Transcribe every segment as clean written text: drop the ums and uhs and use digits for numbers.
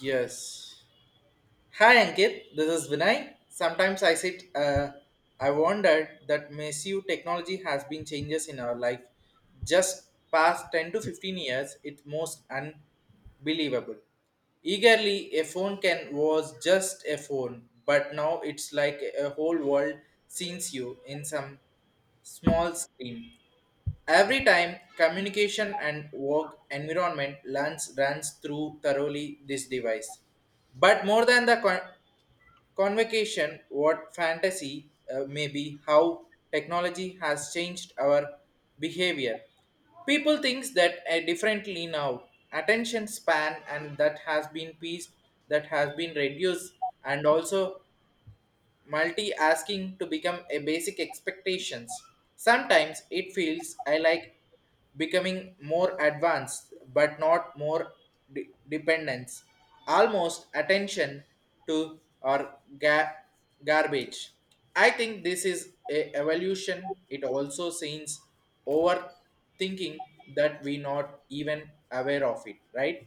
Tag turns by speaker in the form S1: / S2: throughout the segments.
S1: Yes. Hi Ankit, this is Vinay. Sometimes I sit, I wondered that massive technology has been changes in our life. Just past 10 to 15 years, it's most unbelievable. Eagerly, a phone can was just a phone, but now it's like a whole world sees you in some small screen. Every time communication and work environment learns runs through thoroughly this device. But more than the convocation, what fantasy may be how technology has changed our behavior. People thinks that differently now. Attention span and that has been pieced, that has been reduced, and also multi-asking to become a basic expectations. Sometimes it feels I like becoming more advanced, but not more dependence. Almost attention to garbage. I think this is a evolution. It also seems overthinking that we not even aware of it, right?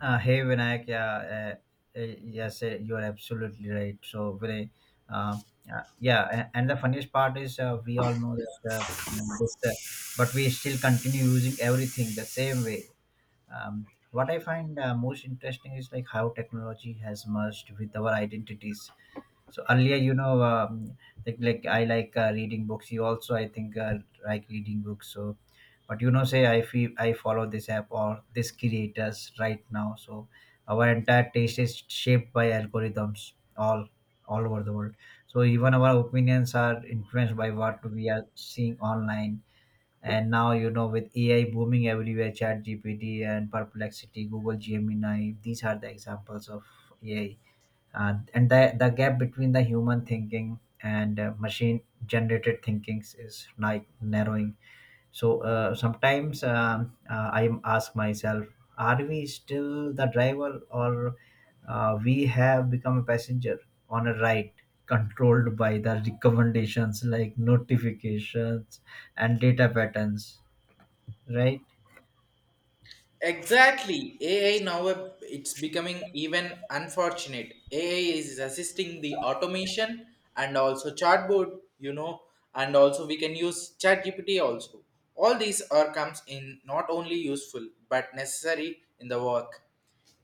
S2: Hey Vinayak, yeah, yes, you are absolutely right. So uh, and the funniest part is we all know that but we still continue using everything the same way. What I find most interesting is like how technology has merged with our identities, so earlier, like I like reading books. You also, I think, like reading books. But you know, say I feel I follow this app or this creators right now. So our entire taste is shaped by algorithms all over the world. So even our opinions are influenced by what we are seeing online. And now, you know, with AI booming everywhere, Chat GPT and Perplexity, Google Gemini, these are the examples of AI, and the gap between the human thinking and machine generated thinkings is like narrowing. So sometimes I ask myself, are we still the driver, or we have become a passenger on a ride controlled by the recommendations, like notifications and data patterns, right?
S1: Exactly. AI now it's becoming even unfortunate. AI is assisting the automation and also chatbot, you know, and also we can use ChatGPT also. All these are comes in not only useful but necessary in the work.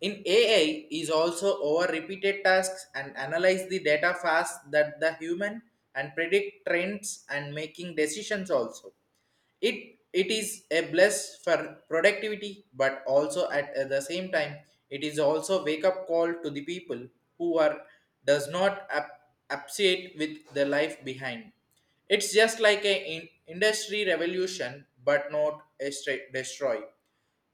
S1: In AI is also over repeated tasks and analyze the data fast that the human and predict trends and making decisions also it is a bless for productivity, but also at the same time, it is also wake up call to the people who are does not appreciate with the life behind. It's just like a industry revolution, but not a straight destroy.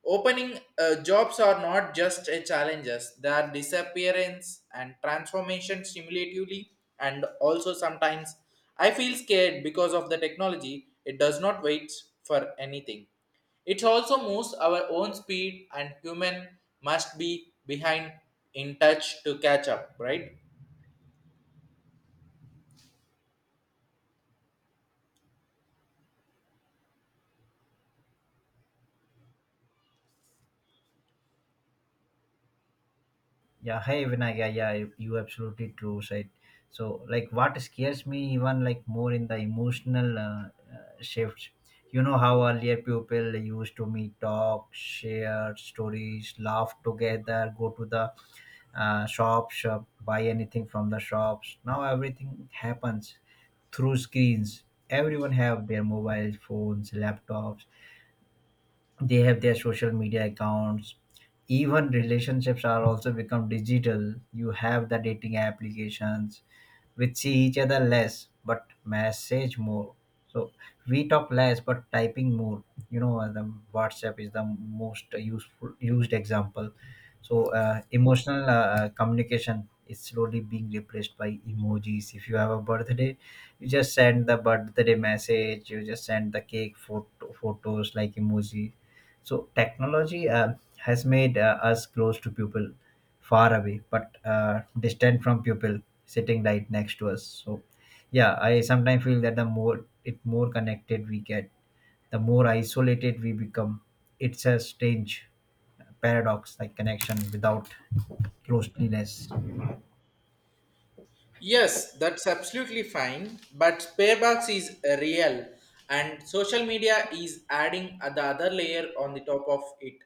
S1: Opening jobs are not just a challenges; they are disappearance and transformation stimulatively and also sometimes I feel scared because of the technology. It does not wait for anything. It also moves our own speed and human must be behind in touch to catch up, right?
S2: Yeah, hey Vinayak, yeah, yeah, you absolutely true, right? So, like, what scares me even like more in the emotional shifts. You know how earlier people used to meet, talk, share stories, laugh together, go to the shops, buy anything from the shops. Now everything happens through screens. Everyone have their mobile phones, laptops, they have their social media accounts, even relationships are also become digital. You have the dating applications which see each other less but message more. So we talk less but typing more. The WhatsApp is the most useful used example. So emotional communication is slowly being replaced by emojis. If you have a birthday, you just send the birthday message, you just send the cake photos like emoji. So technology has made us close to people far away, but distant from people sitting right next to us. So yeah, I sometimes feel that the more connected we get, the more isolated we become. It's a strange paradox, like connection without closeness.
S1: Yes, that's absolutely fine. But Sparebox is real, and social media is adding the other layer on the top of it.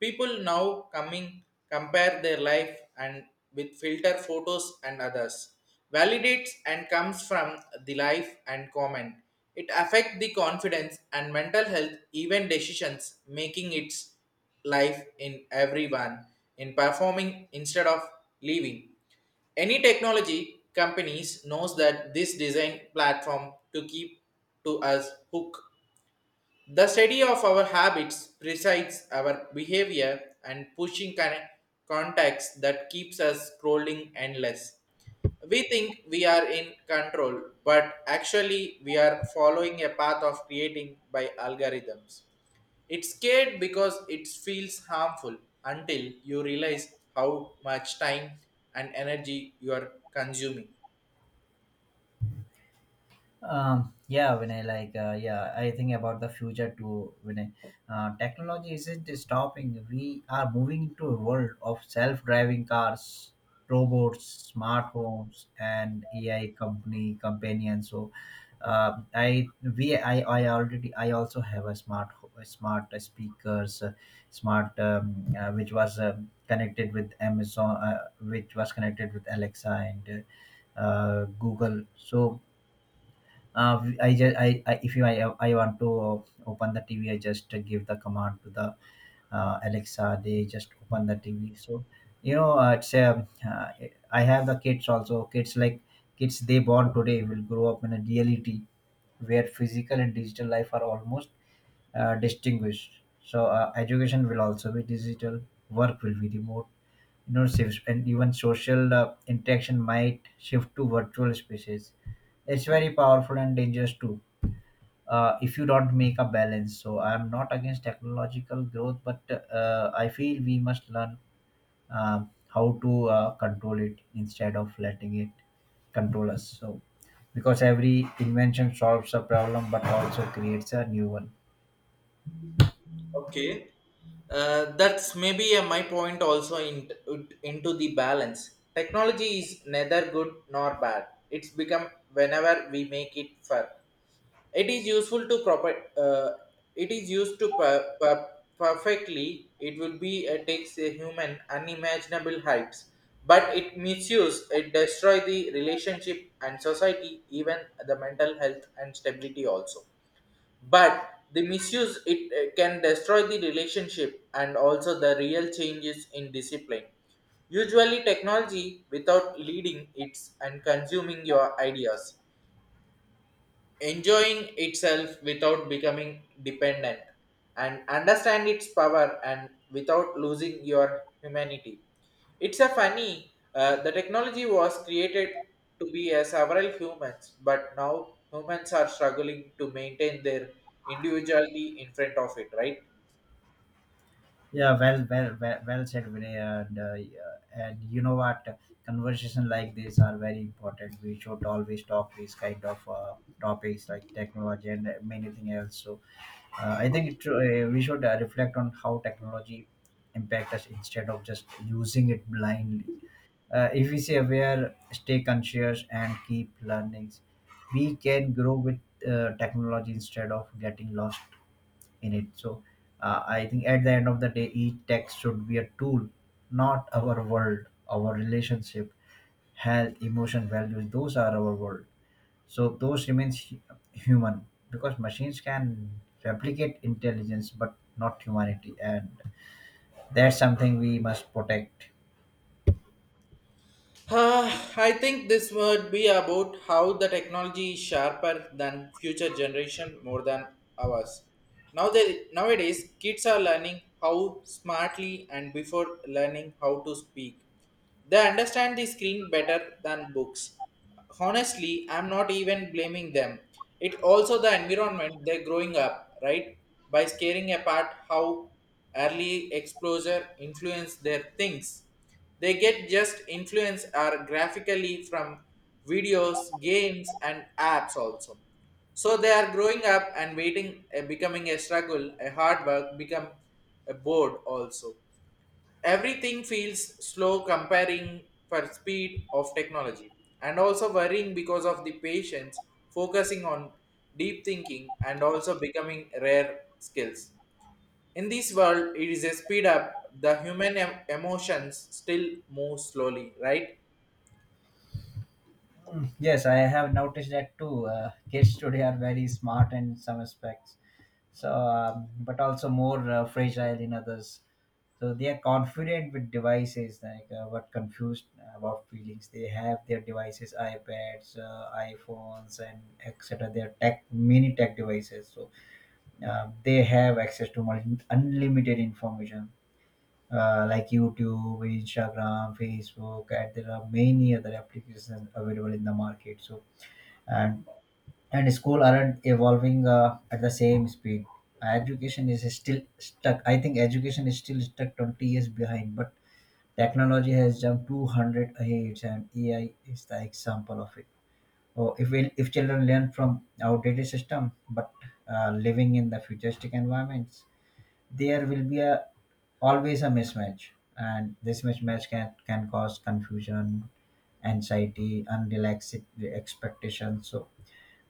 S1: People now coming compare their life and with filter photos and others validates and comes from the life and comment. It affect the confidence and mental health, even decisions, making its life in everyone in performing instead of living. Any technology companies knows that this design platform to keep to us hook. The study of our habits presides our behavior and pushing context that keeps us scrolling endless. We think we are in control, but actually we are following a path of creating by algorithms. It's scared because it feels harmful until you realize how much time and energy you are consuming.
S2: Yeah when I like yeah I think about the future too. Technology isn't stopping. We are moving into a world of self-driving cars, robots, smart homes and AI company companions. So I we I already I also have a a smart speakers, smart which was connected with Amazon, which was connected with Alexa and Google. So I just I if you I want to open the TV, I just give the command to the Alexa. They just open the TV. So you know, it's I have the kids also. Kids they born today will grow up in a reality where physical and digital life are almost distinguished. So education will also be digital. Work will be remote. And even social interaction might shift to virtual spaces. It's very powerful and dangerous too if you don't make a balance. So I'm not against technological growth, but I feel we must learn how to control it instead of letting it control us. So because every invention solves a problem, but also creates a new one.
S1: Okay, that's maybe my point also in, into the balance. Technology is neither good nor bad. It's become whenever we make it for it is useful to proper. Uh, it is used to perfectly. It will be takes a human unimaginable heights, but it misuse it destroy the relationship and society, even the mental health and stability also. But the misuse it can destroy the relationship and also the real changes in discipline. Usually, technology without leading it's and consuming your ideas enjoying itself without becoming dependent and understand its power and without losing your humanity it's a funny the technology was created to be a several humans but now humans are struggling to maintain their individuality in front of it, right?
S2: Yeah, well said, Vinay. And yeah, and you know what? Conversation like this are very important. We should always talk these kind of topics like technology and many things else. So I think we should reflect on how technology impact us instead of just using it blindly. If we stay aware, stay conscious, and keep learning, we can grow with technology instead of getting lost in it. So, I think at the end of the day, each tech should be a tool, not our world. Our relationship, health, emotion, values, those are our world. So those remains human, because machines can replicate intelligence but not humanity, and that's something we must protect.
S1: Uh, i think this would be about how the technology is sharper than future generation more than ours. Now they, nowadays, kids are learning how smartly and before learning how to speak. They understand the screen better than books. Honestly, I'm not even blaming them. It also the environment they're growing up, right? By scaring apart how early exposure influence their things. They get just influence are graphically from videos, games and apps also. So they are growing up and waiting, becoming a struggle, a hard work, become a board also. Everything feels slow comparing for speed of technology and also worrying because of the patience, focusing on deep thinking and also becoming rare skills. In this world, it is a speed up. The human emotions still move slowly, right?
S2: Mm, yes, I have noticed that too. Kids today are very smart in some aspects, so but also more fragile in others. So they are confident with devices, like but confused about feelings. They have their devices, iPads, iPhones, and etc. Their tech, mini tech devices. So they have access to unlimited information, like YouTube, Instagram, Facebook, and there are many other applications available in the market. So and and school aren't evolving at the same speed. Education is still stuck. I think education is still stuck 20 years behind, but technology has jumped 200 ahead, and AI is the example of it. So if we, if children learn from outdated system, but living in the futuristic environments, there will be a always a mismatch, and this mismatch can cause confusion, anxiety, unrealistic expectations. So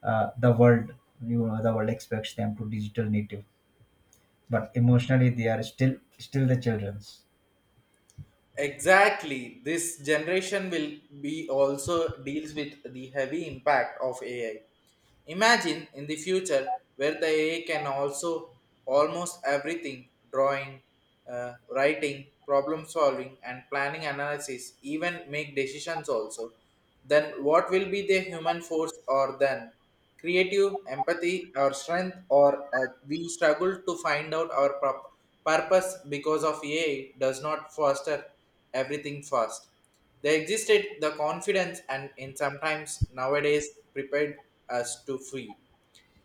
S2: the world, you know, the world expects them to digital native, but emotionally they are still the children's.
S1: Exactly. This generation will be also deals with the heavy impact of AI. Imagine in the future where the AI can also almost everything drawing, writing, problem solving, and planning analysis, even make decisions also. Then what will be the human force or then? Creative, empathy, our strength, or we struggle to find out our purpose because of AI does not foster everything first. They existed the confidence and in sometimes nowadays prepared us to free.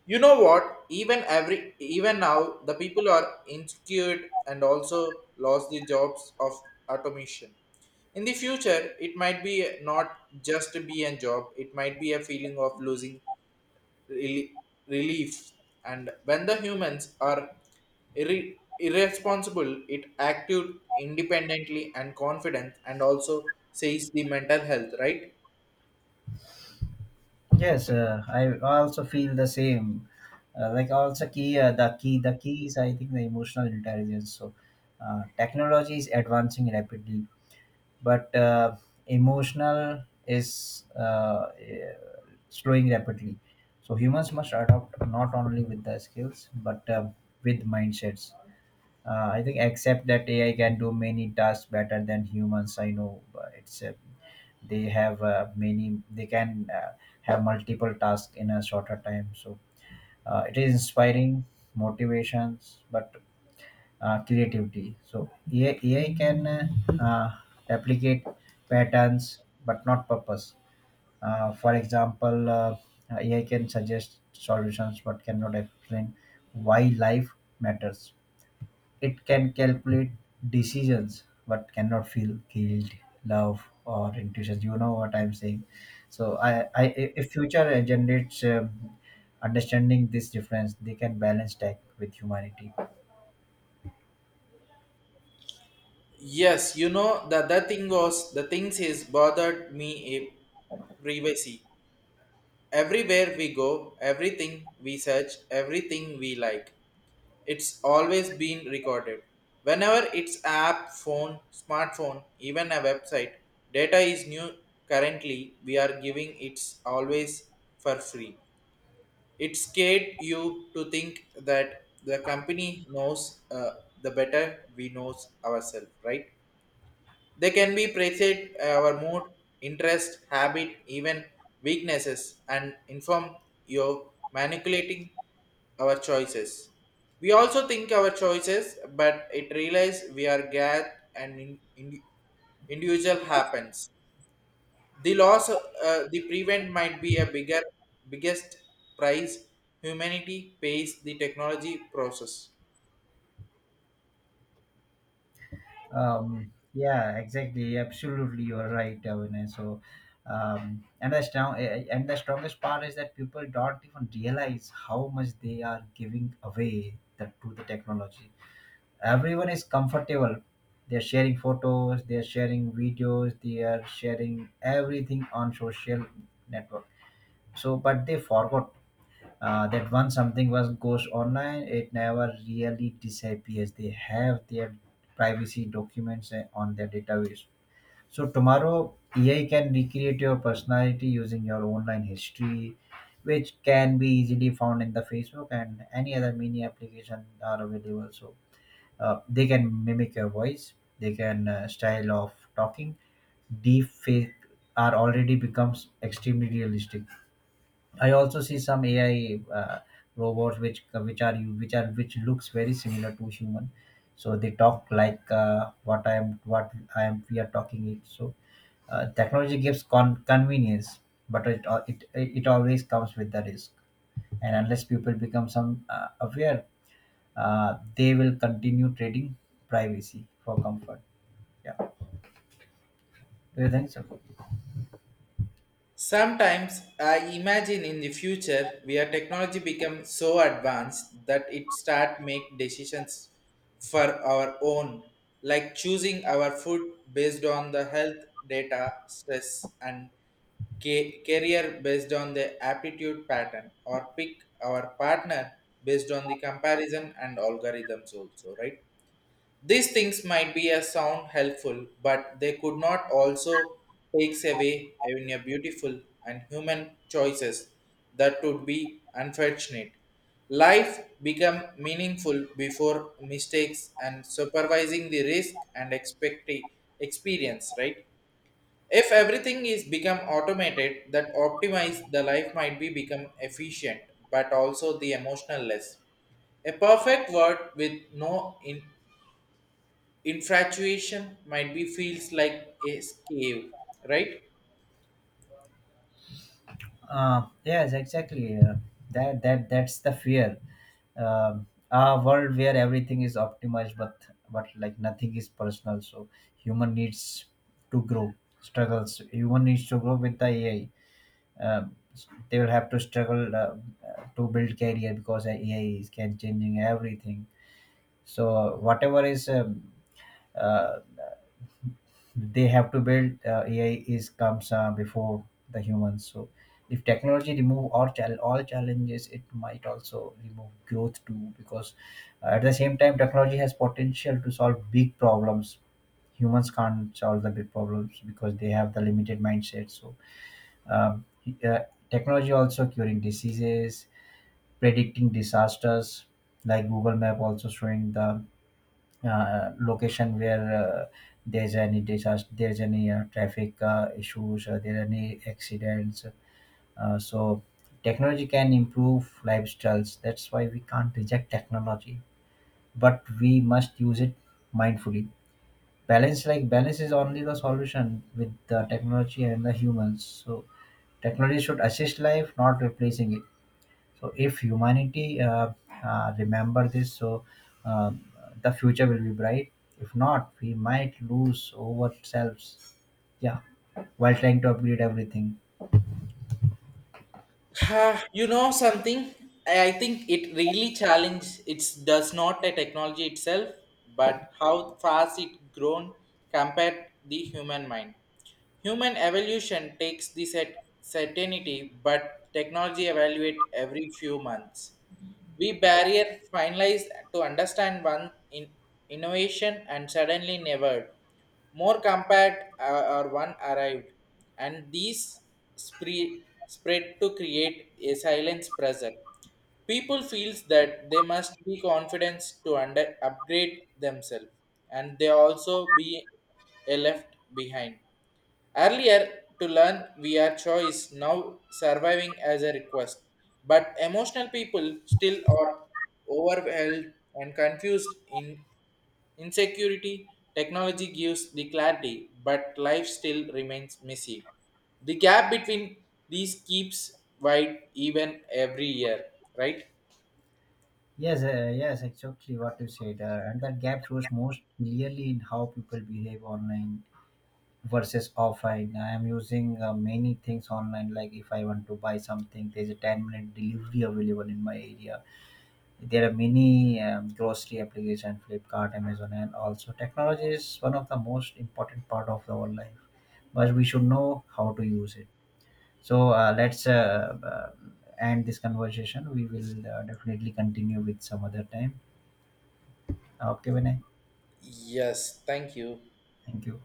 S1: You know what? Even every even now the people are insecure and also lost the jobs of automation. In the future, it might be not just be a job, it might be a feeling of losing rel- relief and when the humans are irresponsible it acted independently and confident and also says the mental health, right?
S2: Yes, I also feel the same. Uh, like also key the key the key is I think the emotional intelligence. So technology is advancing rapidly, but emotional is slowing rapidly. So humans must adopt not only with the skills but with mindsets. I think except that AI can do many tasks better than humans. I know, but it's they have many they can have multiple tasks in a shorter time. So it is inspiring motivations, but creativity. So AI can uh, replicate patterns but not purpose. For example, AI can suggest solutions but cannot explain why life matters. It can calculate decisions but cannot feel guilt, love, or intuition. You know what I'm saying. So I if future generates understanding this difference, they can balance tech with humanity.
S1: Yes, you know the other thing was the things is bothered me a privacy everywhere we go everything we search everything we like, it's always been recorded. Whenever it's app, phone, smartphone, even a website, data is new currently we are giving it's always for free. It scared you to think that the company knows the better we knows ourselves, right? They can be appreciate our mood, interest, habit, even weaknesses, and inform your manipulating our choices. We also think our choices, but it realize we are glad and individual happens. The loss, the prevent might be a bigger, biggest price humanity pays the technology process.
S2: Yeah, exactly. Absolutely, you're right, Avina. So, and the strong, eh, eh, and the strongest part is that people don't even realize how much they are giving away to the technology. Everyone is comfortable. They're sharing photos, they're sharing videos, they are sharing everything on social network. So, but they forgot that once something was goes online, it never really disappears. They have their privacy documents on their database. So tomorrow AI can recreate your personality using your online history, which can be easily found in the Facebook and any other mini application are available. So they can mimic your voice, they can style of talking. Deep fake are already becomes extremely realistic. I also see some AI robots which looks very similar to human. So they talk like what I am we are talking it. So technology gives convenience, but it, al- it always comes with the risk. And unless people become some aware, they will continue trading privacy for comfort. Yeah, do you think so?
S1: Sometimes I imagine in the future where technology becomes so advanced that it start make decisions for our own, like choosing our food based on the health data, stress, and career based on the aptitude pattern, or pick our partner based on the comparison and algorithms also, right? These things might be a sound helpful, but they could not also takes away in a beautiful and human choices that would be unfortunate. Life become meaningful before mistakes and supervising the risk and expect experience, right? If everything is become automated, that optimize the life might be become efficient, but also the emotional less. A perfect world with no in infatuation might be feels like a cave, right?
S2: Yes, exactly. That's the fear. A world where everything is optimized, but like nothing is personal. So human needs to grow, struggles. Human needs to grow with the AI. Um, they will have to struggle to build career because AI is can changing everything. So whatever is uh, they have to build AI is comes before the humans. So if technology remove all challenges, it might also remove growth too. Because at the same time, technology has potential to solve big problems. Humans can't solve the big problems because they have the limited mindset. So um, uh, technology also curing diseases, predicting disasters, like Google Map also showing the location where there's any disaster, there's any traffic issues, there are any accidents. So technology can improve lifestyles. That's why we can't reject technology, but we must use it mindfully. Balance is only the solution with the technology and the humans. So technology should assist life, not replacing it. So if humanity remember this, so uh, the future will be bright. If not, we might lose ourselves. Yeah, while trying to upgrade everything.
S1: Ah, you know something? I think it really challenge. It does not a technology itself, but how fast it grown compared the human mind. Human evolution takes the set certainty, but technology evaluate every few months. We barrier finalized to understand one in innovation and suddenly never. More compact or one arrived, and these spread to create a silence pressure. People feels that they must be confident to upgrade themselves, and they also be a left behind. Earlier to learn via choice, now surviving as a request. But emotional people still are overwhelmed and confused in insecurity. Technology gives the clarity, but life still remains messy. The gap between these keeps wide even every year, right?
S2: Yes, yes, exactly what you said. And that gap shows most clearly in how people behave online versus offline. I am using many things online. Like if I want to buy something, there's a 10-minute delivery available in my area. There are many grocery applications, Flipkart, Amazon, and also technology is one of the most important part of our life. But we should know how to use it. So let's end this conversation. We will definitely continue with some other time. Okay, Vinay.
S1: Yes, thank you.
S2: Thank you.